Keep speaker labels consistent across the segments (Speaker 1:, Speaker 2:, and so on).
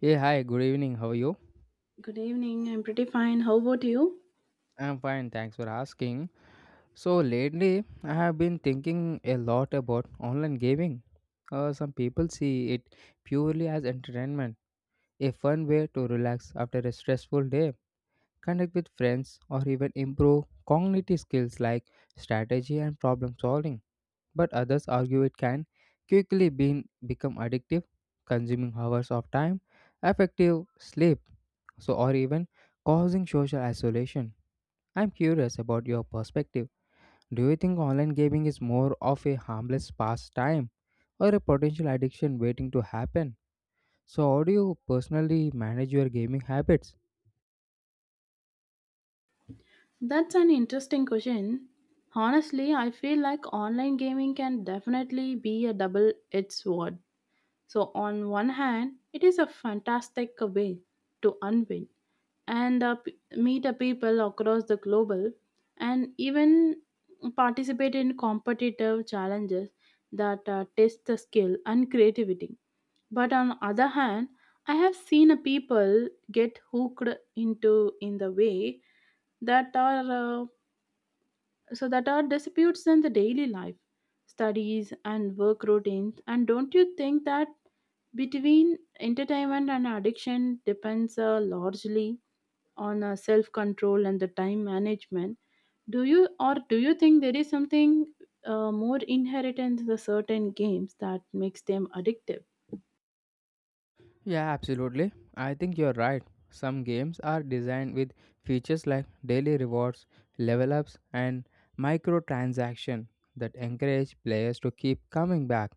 Speaker 1: Hey, hi, good evening. How are you?
Speaker 2: Good evening. I'm pretty fine. How about you?
Speaker 1: I'm fine, thanks for asking. So, lately, I have been thinking a lot about online gaming. Some people see it purely as entertainment, a fun way to relax after a stressful day, connect with friends, or even improve cognitive skills like strategy and problem solving. But others argue it can quickly become addictive, consuming hours of time, effective sleep, so or even causing social isolation. I'm curious about your perspective. Do you think online gaming is more of a harmless pastime or a potential addiction waiting to happen? So, how do you personally manage your gaming habits?
Speaker 2: That's an interesting question. Honestly, I feel like online gaming can definitely be a double edged sword. So, on one hand, it is a fantastic way to unwind and meet the people across the global and even participate in competitive challenges that test the skill and creativity. But on other hand, I have seen a people get hooked into in the way that are so that are disputes in the daily life studies and work routines. And don't you think that between entertainment and addiction depends largely on self control and the time management? Do you or do you think there is something more inherent in the certain games that makes them addictive?
Speaker 1: Yeah, absolutely. I think you're right. Some games are designed with features like daily rewards, level ups, and microtransaction that encourage players to keep coming back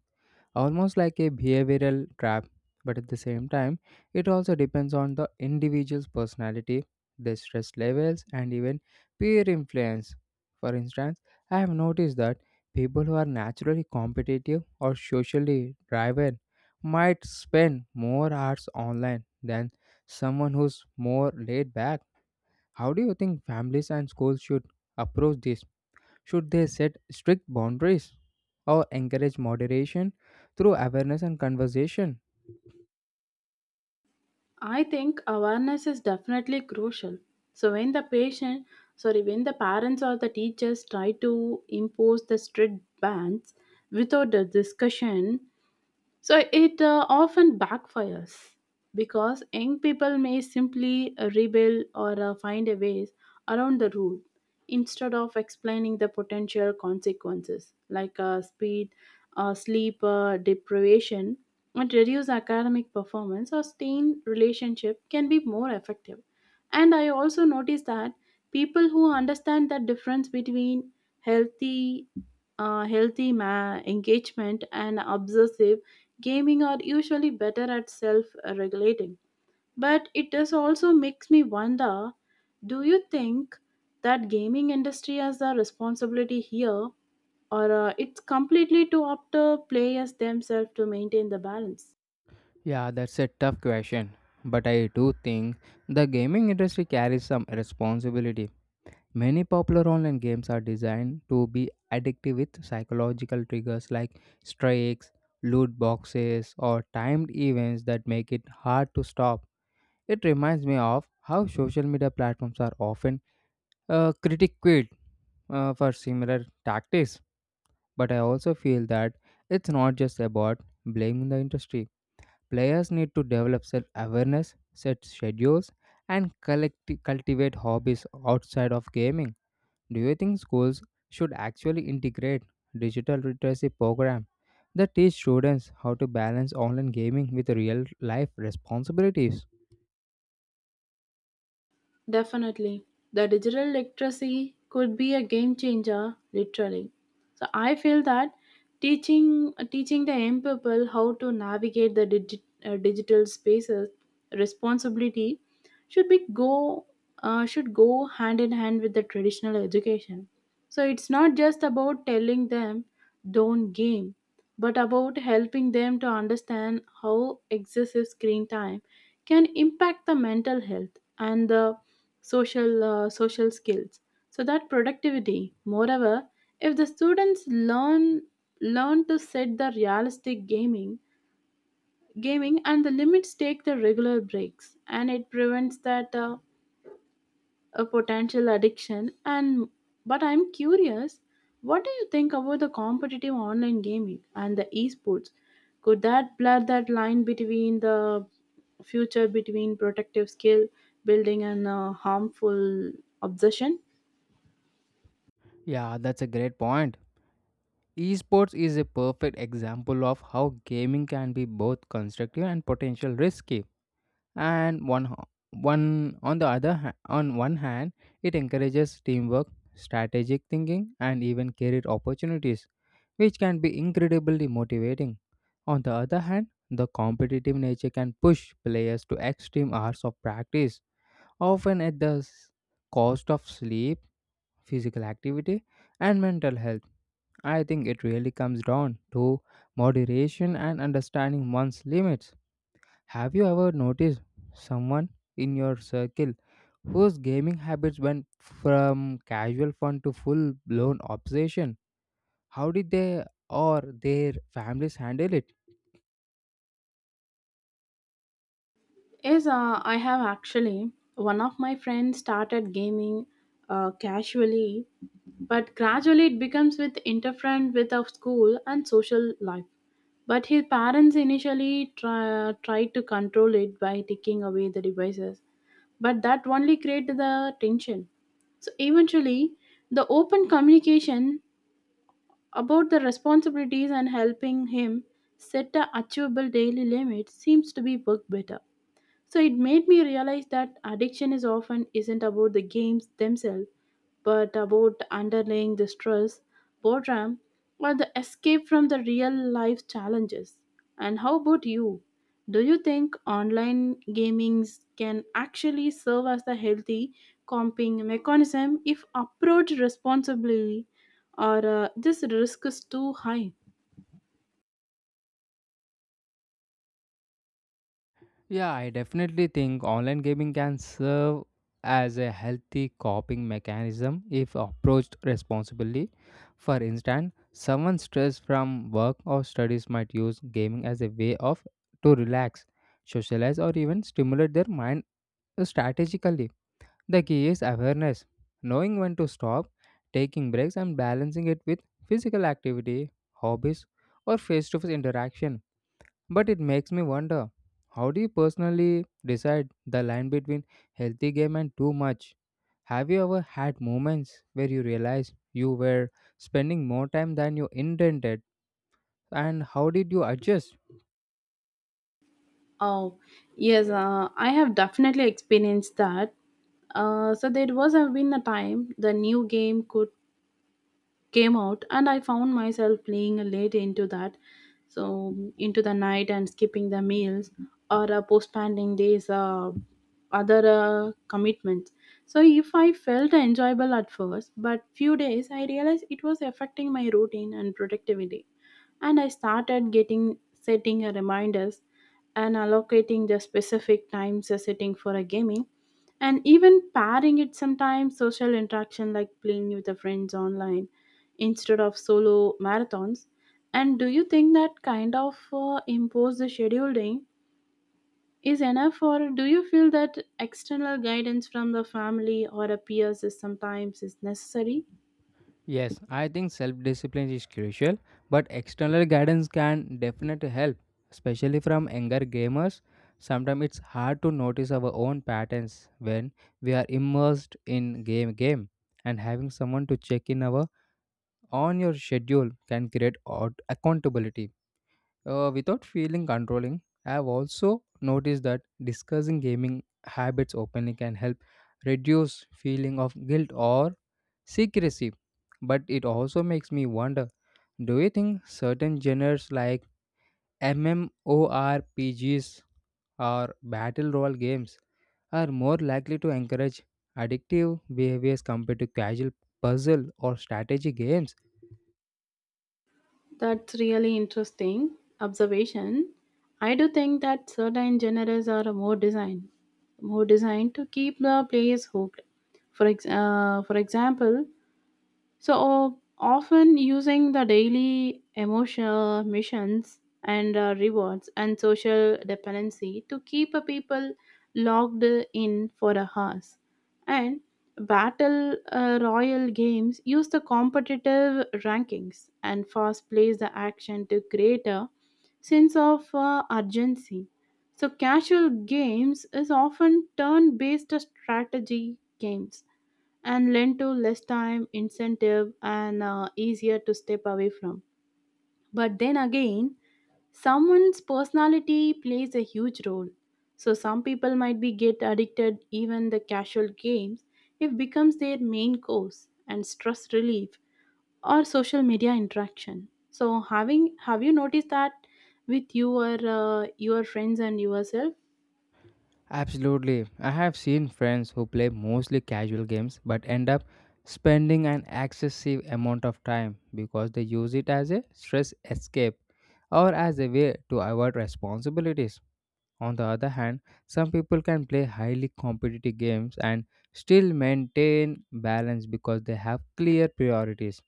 Speaker 1: almost like a behavioral trap. But at the same time, it also depends on the individual's personality, their stress levels, and even peer influence. For instance, I have noticed that people who are naturally competitive or socially driven might spend more hours online than someone who's more laid back. How do you think families and schools should approach this? Should they set strict boundaries or encourage moderation through awareness and conversation?
Speaker 2: I think awareness is definitely crucial. So when the patient, sorry, when the parents or the teachers try to impose the strict bans without the discussion, so it often backfires because young people may simply rebel or find a ways around the rule. Instead of explaining the potential consequences like speed, sleep deprivation, and reduced academic performance or strained relationship can be more effective. And I also noticed that people who understand the difference between healthy engagement and obsessive gaming are usually better at self regulating. But it does also makes me wonder, do you think that gaming industry has a responsibility here, or it's completely to up to players themselves to maintain the balance?
Speaker 1: Yeah, that's a tough question. But I do think the gaming industry carries some responsibility. Many popular online games are designed to be addictive with psychological triggers like strikes, loot boxes, or timed events that make it hard to stop. It reminds me of how social media platforms are often critiqued for similar tactics. But I also feel that it's not just about blaming the industry. Players need to develop self awareness, set schedules, and cultivate hobbies outside of gaming. Do you think schools should actually integrate digital literacy program that teach students how to balance online gaming with real life responsibilities?
Speaker 2: Definitely. The digital literacy could be a game changer, literally. So I feel that teaching the young people how to navigate the digital spaces responsibility should be go should go hand in hand with the traditional education. So it's not just about telling them don't game, but about helping them to understand how excessive screen time can impact the mental health and the social social skills so that productivity. Moreover, if the students learn to set the realistic gaming and the limits, take the regular breaks, and it prevents that a potential addiction. And but I'm curious, what do you think about the competitive online gaming and the esports? Could that blur that line between the future between protective skill building and a harmful obsession?
Speaker 1: Yeah, that's a great point. Esports is a perfect example of how gaming can be both constructive and potential risky. And one ho- one on the other ha- on one hand, it encourages teamwork, strategic thinking, and even career opportunities, which can be incredibly motivating. On the other hand, the competitive nature can push players to extreme hours of practice, often at the cost of sleep, physical activity, and mental health. I think it really comes down to moderation and understanding one's limits. Have you ever noticed someone in your circle whose gaming habits went from casual fun to full blown obsession? How did they or their families handle it?
Speaker 2: Yes, I have actually. One of my friends started gaming casually, but gradually it becomes with interference with our school and social life. But his parents initially tried to control it by taking away the devices, but that only created the tension. So eventually, the open communication about the responsibilities and helping him set a achievable daily limit seems to be work better. So it made me realize that addiction is often isn't about the games themselves, but about underlying the stress, boredom, or the escape from the real life challenges. And how about you? Do you think online gamings can actually serve as a healthy coping mechanism if approached responsibly, or this risk is too high?
Speaker 1: Yeah, I definitely think online gaming can serve as a healthy coping mechanism if approached responsibly. For instance, someone stressed from work or studies might use gaming as a way of to relax, socialize or even stimulate their mind strategically. The key is awareness, knowing when to stop, taking breaks and balancing it with physical activity, hobbies or face-to-face interaction. But it makes me wonder, how do you personally decide the line between healthy game and too much? Have you ever had moments where you realized you were spending more time than you intended, and how did you adjust?
Speaker 2: Oh, yes, I have definitely experienced that. So there was have been a time the new game could came out, and I found myself playing late into that, so into the night and skipping the meals or postponing these other commitments. So if I felt enjoyable at first, but few days I realized it was affecting my routine and productivity. And I started getting setting a reminders and allocating the specific times a setting for a gaming, and even pairing it sometimes social interaction like playing with the friends online instead of solo marathons. And do you think that kind of imposed scheduling is enough, or do you feel that external guidance from the family or a peers is sometimes is necessary?
Speaker 1: Yes, I think self discipline is crucial, but external guidance can definitely help, especially from younger gamers. Sometimes it's hard to notice our own patterns when we are immersed in game, and having someone to check in our on your schedule can create accountability without feeling controlling. I have also noticed that discussing gaming habits openly can help reduce feeling of guilt or secrecy. But it also makes me wonder: do you think certain genres like MMORPGs or battle royale games are more likely to encourage addictive behaviors compared to casual puzzle or strategy games?
Speaker 2: That's really interesting observation. I do think that certain genres are more designed to keep the players hooked. For example, so often using the daily emotional missions and rewards and social dependency to keep a people logged in for a house. And battle royal games use the competitive rankings and fast plays the action to create a sense of urgency. So casual games is often turn-based strategy games and lend to less time, incentive, and easier to step away from. But then again, someone's personality plays a huge role. So some people might be get addicted even the casual games if becomes their main course and stress relief or social media interaction. So having have you noticed that with your friends and yourself?
Speaker 1: Absolutely. I have seen friends who play mostly casual games but end up spending an excessive amount of time because they use it as a stress escape or as a way to avoid responsibilities. On the other hand, some people can play highly competitive games and still maintain balance because they have clear priorities.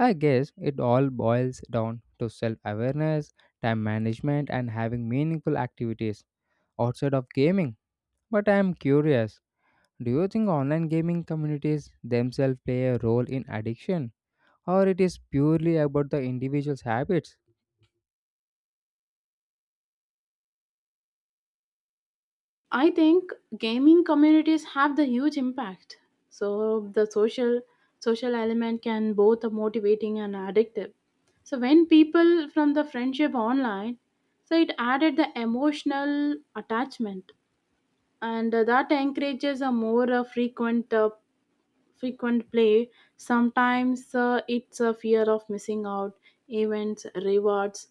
Speaker 1: I guess it all boils down to self awareness, time management, and having meaningful activities outside of gaming. But I am curious, do you think online gaming communities themselves play a role in addiction, or it is purely about the individual's habits?
Speaker 2: I think gaming communities have the huge impact. So the social element can both a motivating and addictive. So when people from the friendship online, so it added the emotional attachment, and that encourages a more frequent play. Sometimes it's a fear of missing out, events, rewards,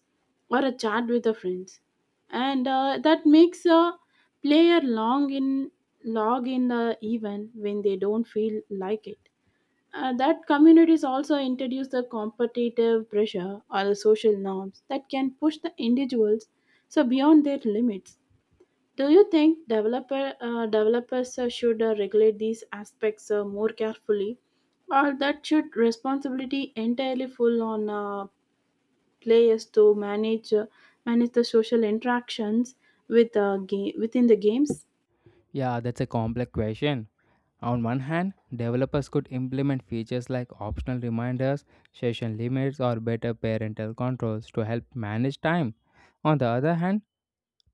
Speaker 2: or a chat with the friends, and that makes a player long in log in the event when they don't feel like it. That communities also introduce the competitive pressure or the social norms that can push the individuals so beyond their limits. Do you think developers should regulate these aspects more carefully, or that should responsibility entirely fall on players to manage the social interactions with within the games?
Speaker 1: Yeah, that's a complex question. On one hand, developers could implement features like optional reminders, session limits or better parental controls to help manage time. On the other hand,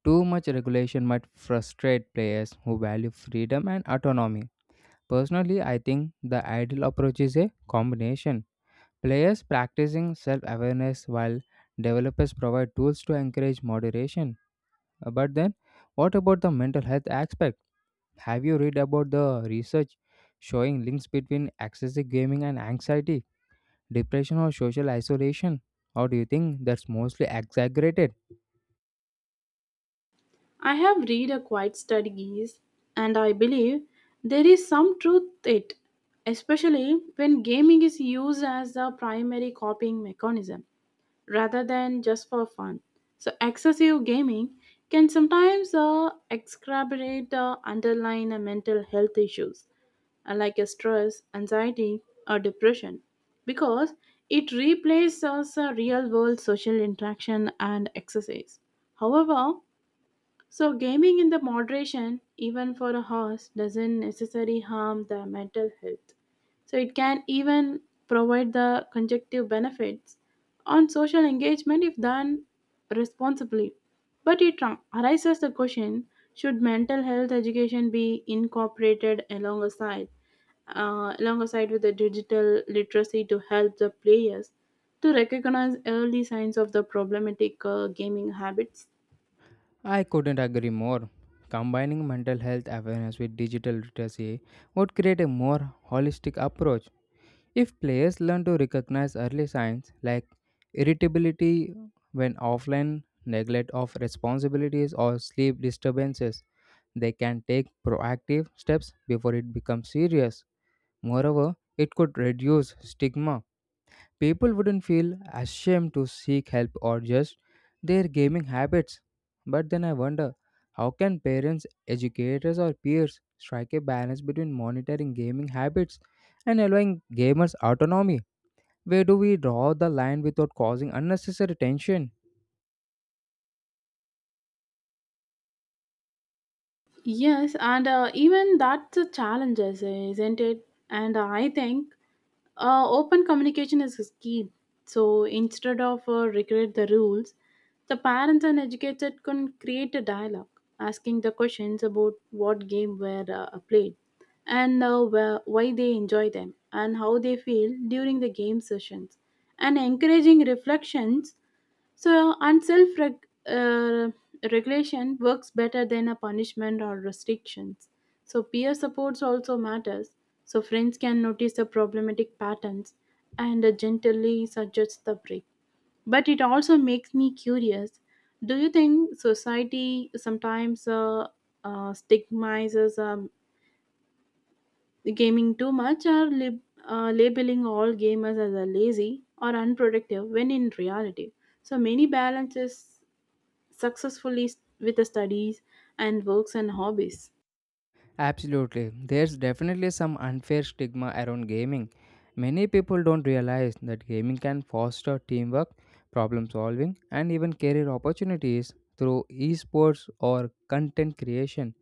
Speaker 1: too much regulation might frustrate players who value freedom and autonomy. Personally, I think the ideal approach is a combination. Players practicing self awareness while developers provide tools to encourage moderation. But then, what about the mental health aspect? Have you read about the research showing links between excessive gaming and anxiety, depression, or social isolation? Or do you think that's mostly exaggerated?
Speaker 2: I have read a quite studies, and I believe there is some truth it, especially when gaming is used as the primary copying mechanism, rather than just for fun. So, excessive gaming can sometimes exacerbate the underlying mental health issues like stress, anxiety, or depression because it replaces real world social interaction and exercise. However, so, gaming in the moderation, even for a horse, doesn't necessarily harm the mental health. So, it can even provide the conjunctive benefits on social engagement if done responsibly. But it arises the question, should mental health education be incorporated alongside with the digital literacy to help the players to recognize early signs of the problematic gaming habits?
Speaker 1: I couldn't agree more. Combining mental health awareness with digital literacy would create a more holistic approach. If players learn to recognize early signs like irritability when offline, neglect of responsibilities, or sleep disturbances, they can take proactive steps before it becomes serious. Moreover, it could reduce stigma. People wouldn't feel ashamed to seek help or just their gaming habits. But then I wonder, how can parents, educators, or peers strike a balance between monitoring gaming habits and allowing gamers autonomy? Where do we draw the line without causing unnecessary tension?
Speaker 2: Yes, and even that's a challenge, isn't it? And I think open communication is key. So instead of regret the rules, the parents and educators can create a dialogue, asking the questions about what game were played, and why they enjoy them, and how they feel during the game sessions, and encouraging reflections so, and self uh, regulation works better than a punishment or restrictions. So, peer supports also matters. So, friends can notice the problematic patterns and gently suggest the break. But it also makes me curious, do you think society sometimes stigmatizes gaming too much, or labeling all gamers as a lazy or unproductive when in reality? So many balances successfully with the studies and works and hobbies.
Speaker 1: Absolutely. There's definitely some unfair stigma around gaming. Many people don't realize that gaming can foster teamwork, problem solving, and even career opportunities through esports or content creation.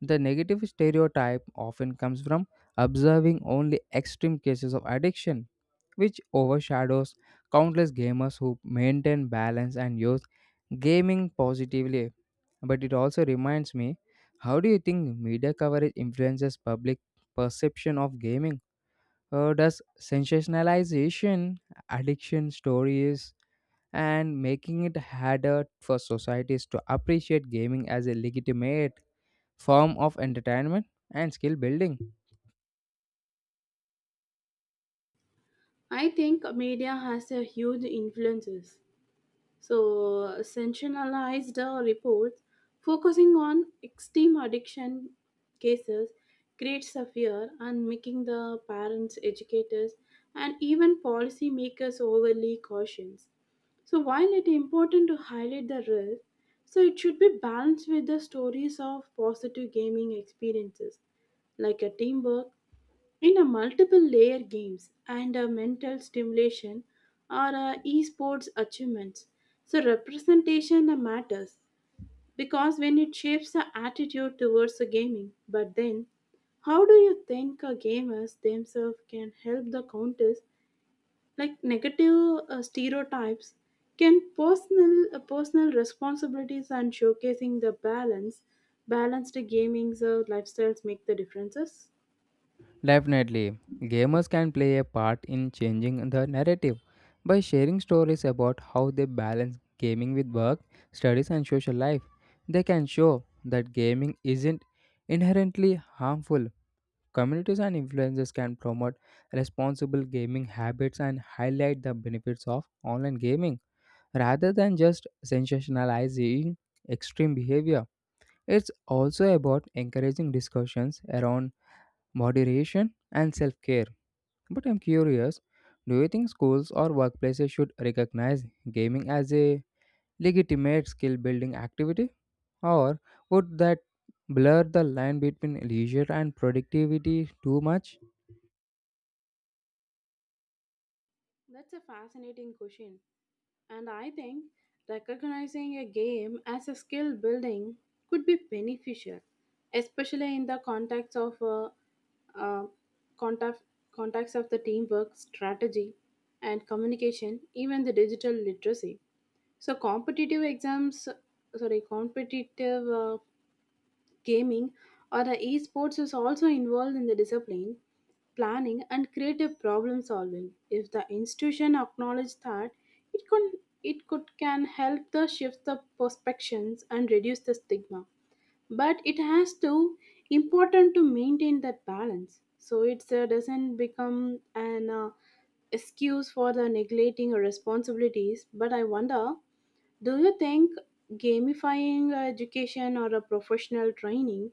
Speaker 1: The negative stereotype often comes from observing only extreme cases of addiction, which overshadows countless gamers who maintain balance and use gaming positively. But it also reminds me, how do you think media coverage influences public perception of gaming? Or does sensationalization, addiction stories, and making it harder for societies to appreciate gaming as a legitimate form of entertainment and skill building?
Speaker 2: I think media has a huge influences. So sensationalized reports focusing on extreme addiction cases creates a fear and making the parents, educators, and even policymakers overly cautious. So while it is important to highlight the risk, so it should be balanced with the stories of positive gaming experiences like a teamwork in a multiple layer games and a mental stimulation or a esports achievements. So representation matters because when it shapes the attitude towards the gaming. But then how do you think gamers themselves can help the counters like negative stereotypes? Can personal responsibilities and showcasing the balanced gaming's lifestyles make the differences?
Speaker 1: Definitely, gamers can play a part in changing the narrative by sharing stories about how they balance gaming with work, studies, and social life. They can show that gaming isn't inherently harmful. Communities and influencers can promote responsible gaming habits and highlight the benefits of online gaming rather than just sensationalizing extreme behavior. It's also about encouraging discussions around moderation and self care. But I'm curious, do you think schools or workplaces should recognize gaming as a legitimate skill building activity? Or would that blur the line between leisure and productivity too much?
Speaker 2: That's a fascinating question. And I think recognizing a game as a skill building could be beneficial, especially in the uh, context, context of the teamwork, strategy, and communication, even the digital literacy. So competitive exams, sorry, competitive gaming or the esports is also involved in the discipline planning and creative problem solving. If the institution acknowledges that, it could can help the shift the perspectives and reduce the stigma. But it has to important to maintain that balance, so it doesn't become an excuse for the neglecting responsibilities. But I wonder, do you think gamifying education or a professional training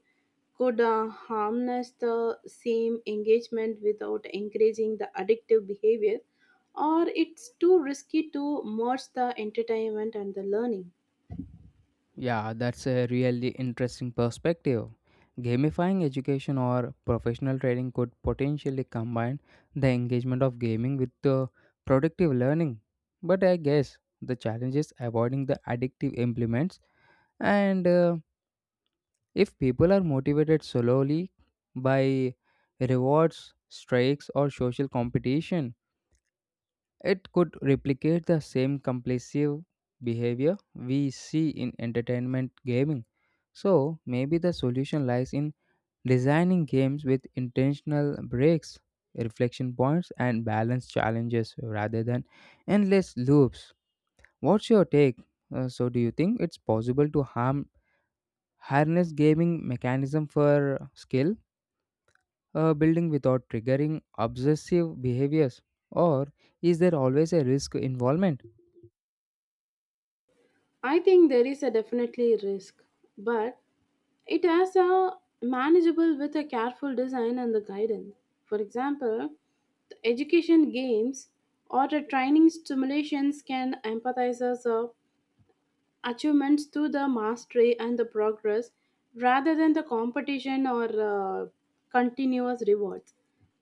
Speaker 2: could harness the same engagement without encouraging the addictive behavior, or it's too risky to merge the entertainment and the learning?
Speaker 1: Yeah, that's a really interesting perspective. Gamifying education or professional training could potentially combine the engagement of gaming with the productive learning. But I guess the challenge is avoiding the addictive implements, and if people are motivated solely by rewards, strikes, or social competition, it could replicate the same compulsive behavior we see in entertainment gaming. So, maybe the solution lies in designing games with intentional breaks, reflection points, and balanced challenges rather than endless loops. What's your take? So, do you think it's possible to harm harness gaming mechanism for skill building without triggering obsessive behaviors, or is there always a risk involvement?
Speaker 2: I think there is a definitely risk, but it has a manageable with a careful design and the guidance. For example, the education games or the training stimulations can empathize us up achievements to the mastery and the progress rather than the competition or uh, continuous rewards.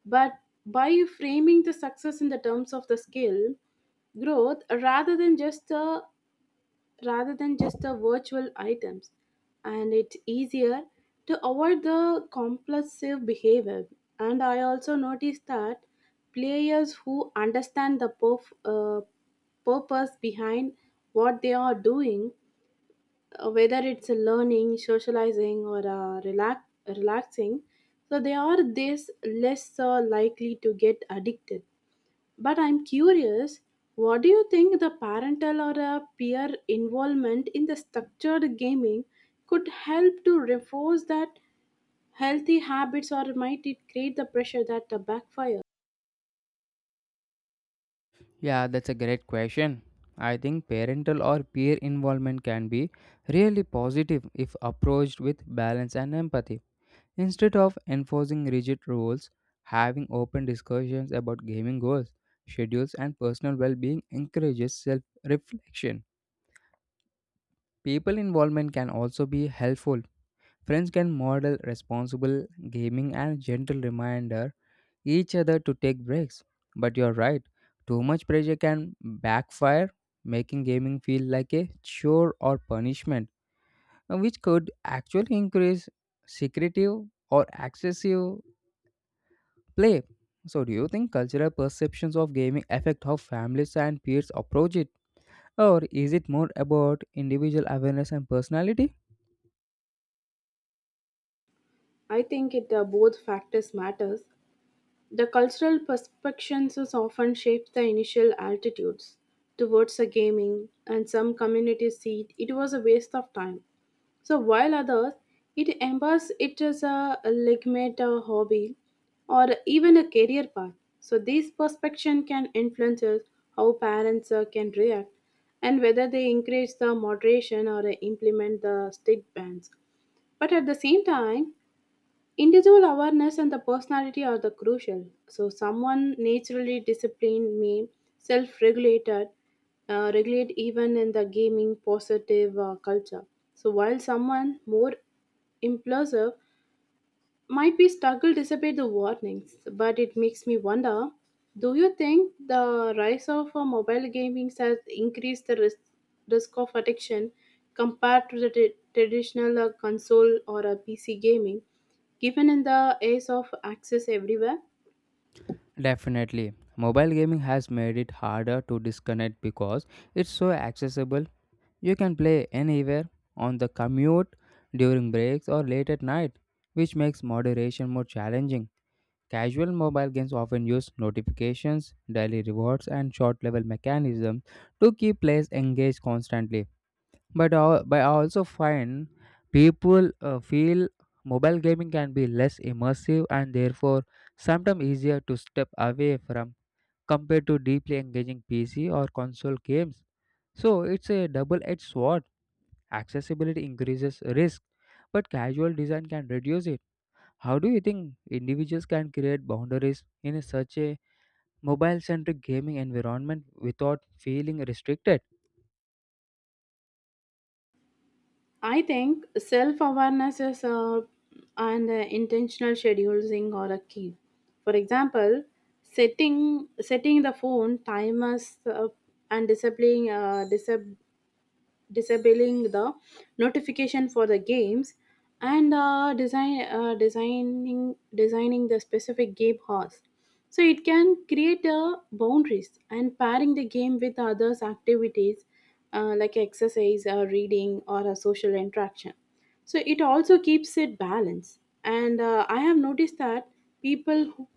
Speaker 2: But by framing the success in the terms of the skill growth rather than just the virtual items, and it's easier to avoid the compulsive behavior. And I also noticed that players who understand the purpose behind what they are doing, whether it's a learning, socializing, or relaxing, so they are this less likely to get addicted. But I'm curious, what do you think the parental or peer involvement in the structured gaming could help to reinforce that healthy habits, or might it create the pressure that backfire?
Speaker 1: Yeah, that's a great question. I think parental or peer involvement can be really positive if approached with balance and empathy. Instead of enforcing rigid rules, having open discussions about gaming goals, schedules, and personal well being encourages self reflection. People involvement can also be helpful. Friends can model responsible gaming and gentle reminder each other to take breaks. But you're right, too much pressure can backfire, making gaming feel like a chore or punishment, which could actually increase secretive or excessive play. So, do you think cultural perceptions of gaming affect how families and peers approach it? Or is it more about individual awareness and personality?
Speaker 2: I think it both factors matters. The cultural perceptions is often shapes the initial attitudes towards a gaming, and some communities see it was a waste of time. So while others, it embeds it as a legitimate hobby or even a career path. So these perception can influence us how parents can react and whether they encourage the moderation or implement the strict bans. But at the same time, individual awareness and the personality are the crucial. So, someone naturally disciplined may self-regulated, regulate even in the gaming positive culture. So, while someone more impulsive might be struggle despite the warnings, but it makes me wonder, do you think the rise of mobile gaming has increased the risk of addiction compared to the traditional console or a PC gaming, given in the age of access everywhere?
Speaker 1: Definitely. Mobile gaming has made it harder to disconnect because it's so accessible. You can play anywhere, on the commute, during breaks, or late at night, which makes moderation more challenging. Casual mobile games often use notifications, daily rewards, and short level mechanisms to keep players engaged constantly. But I also find people feel mobile gaming can be less immersive and therefore sometimes easier to step away from compared to deeply engaging PC or console games. So it's a double edged sword. Accessibility increases risk, but casual design can reduce it. How do you think individuals can create boundaries in such a mobile centric gaming environment without feeling restricted?
Speaker 2: I think self awareness is and intentional scheduling or a key. For example, setting the phone timers, and disabling the notification for the games, and designing the specific game host so it can create boundaries, and pairing the game with others activities, like exercise or reading or a social interaction, so it also keeps it balanced. And I have noticed that people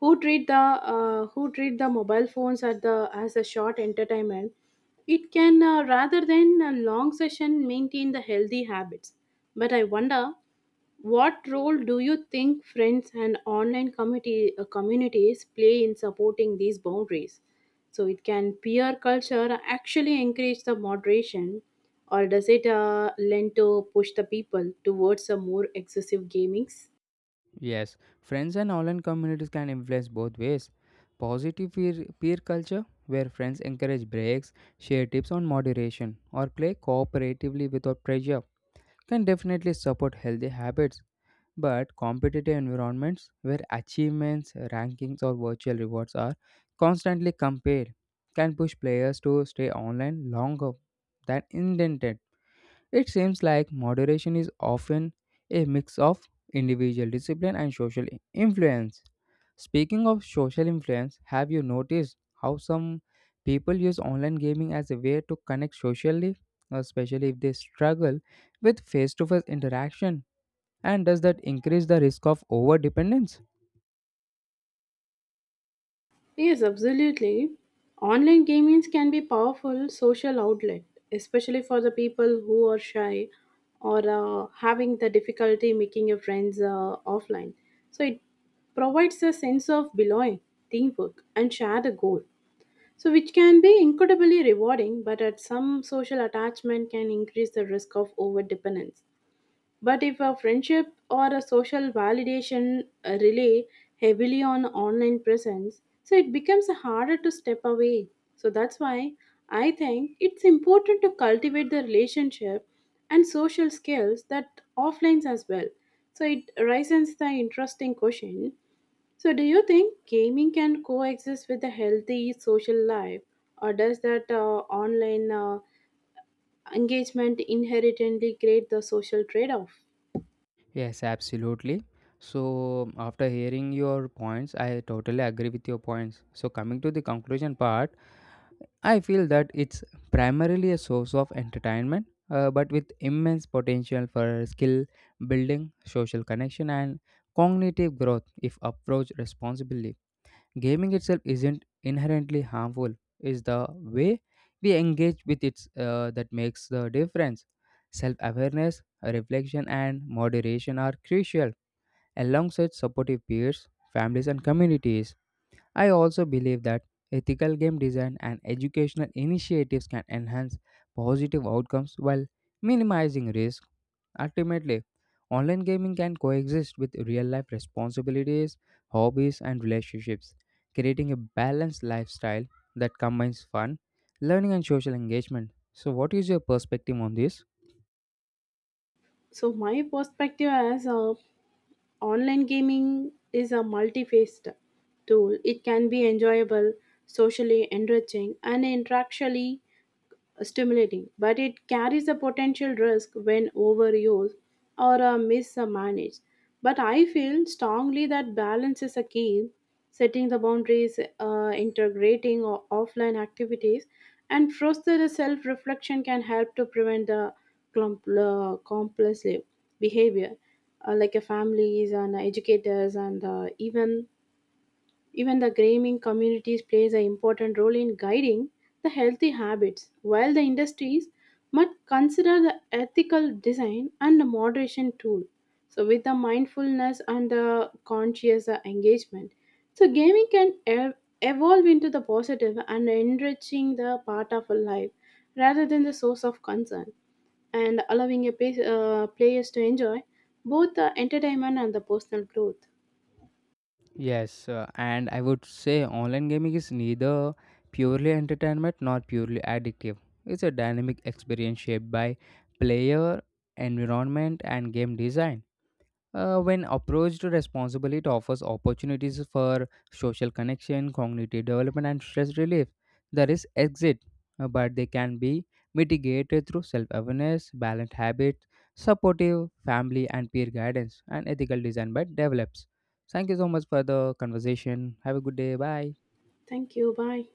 Speaker 2: who treat the who treat the mobile phones at the as a short entertainment, it can, rather than a long session, maintain the healthy habits. But I wonder, what role do you think friends and online community communities play in supporting these boundaries, so it can peer culture actually encourage the moderation, or does it lend to push the people towards a more excessive gamings?
Speaker 1: Yes, friends and online communities can influence both ways. Positive peer culture, where friends encourage breaks, share tips on moderation, or play cooperatively without pressure, can definitely support healthy habits. But competitive environments where achievements, rankings, or virtual rewards are constantly compared can push players to stay online longer than intended. It seems like moderation is often a mix of individual discipline and social influence. Speaking of social influence, have you noticed how some people use online gaming as a way to connect socially, especially if they struggle with face to face interaction? And does that increase the risk of over dependence?
Speaker 2: Yes, absolutely. Online gamings can be powerful social outlet, especially for the people who are shy or having the difficulty making your friends offline. So it provides a sense of belonging, teamwork, and shared goal. So which can be incredibly rewarding, but at some social attachment can increase the risk of overdependence. But if a friendship or a social validation rely heavily on online presence, so it becomes harder to step away. So that's why I think it's important to cultivate the relationship and social skills that offlines as well. So it raises the interesting question. So do you think gaming can coexist with a healthy social life, or does that online engagement inherently create the social trade-off?
Speaker 1: Yes, absolutely. So, after hearing your points, I totally agree with your points. So, coming to the conclusion part, I feel that it's primarily a source of entertainment, but with immense potential for skill building, social connection, and cognitive growth if approached responsibly. Gaming itself isn't inherently harmful, it's the way we engage with it that makes the difference. Self awareness, reflection, and moderation are crucial, alongside supportive peers, families, and communities. I also believe that ethical game design and educational initiatives can enhance positive outcomes while minimizing risk. Ultimately, online gaming can coexist with real life responsibilities, hobbies, and relationships, creating a balanced lifestyle that combines fun, learning, and social engagement. So, what is your perspective on this?
Speaker 2: So my perspective as a online gaming is a multi-faced tool. It can be enjoyable, socially enriching, and interactually stimulating, but it carries a potential risk when overused or mismanaged. But I feel strongly that balance is a key, setting the boundaries, integrating offline activities, and foster self reflection can help to prevent the compulsive behavior, like a families and educators and even the gaming communities plays an important role in guiding the healthy habits, while the industries must consider the ethical design and the moderation tool. So with the mindfulness and the conscious engagement, so gaming can evolve into the positive and enriching the part of a life rather than the source of concern, and allowing a players to enjoy both the entertainment and the personal growth.
Speaker 1: Yes, and I would say online gaming is neither purely entertainment nor purely addictive. It's a dynamic experience shaped by player, environment, and game design. When approached responsibly, it offers opportunities for social connection, cognitive development, and stress relief. There is exit, but they can be mitigated through self awareness, balanced habits, supportive family and peer guidance, and ethical design that develops. Thank you so much for the conversation. Have a good day. Bye.
Speaker 2: Thank you. Bye.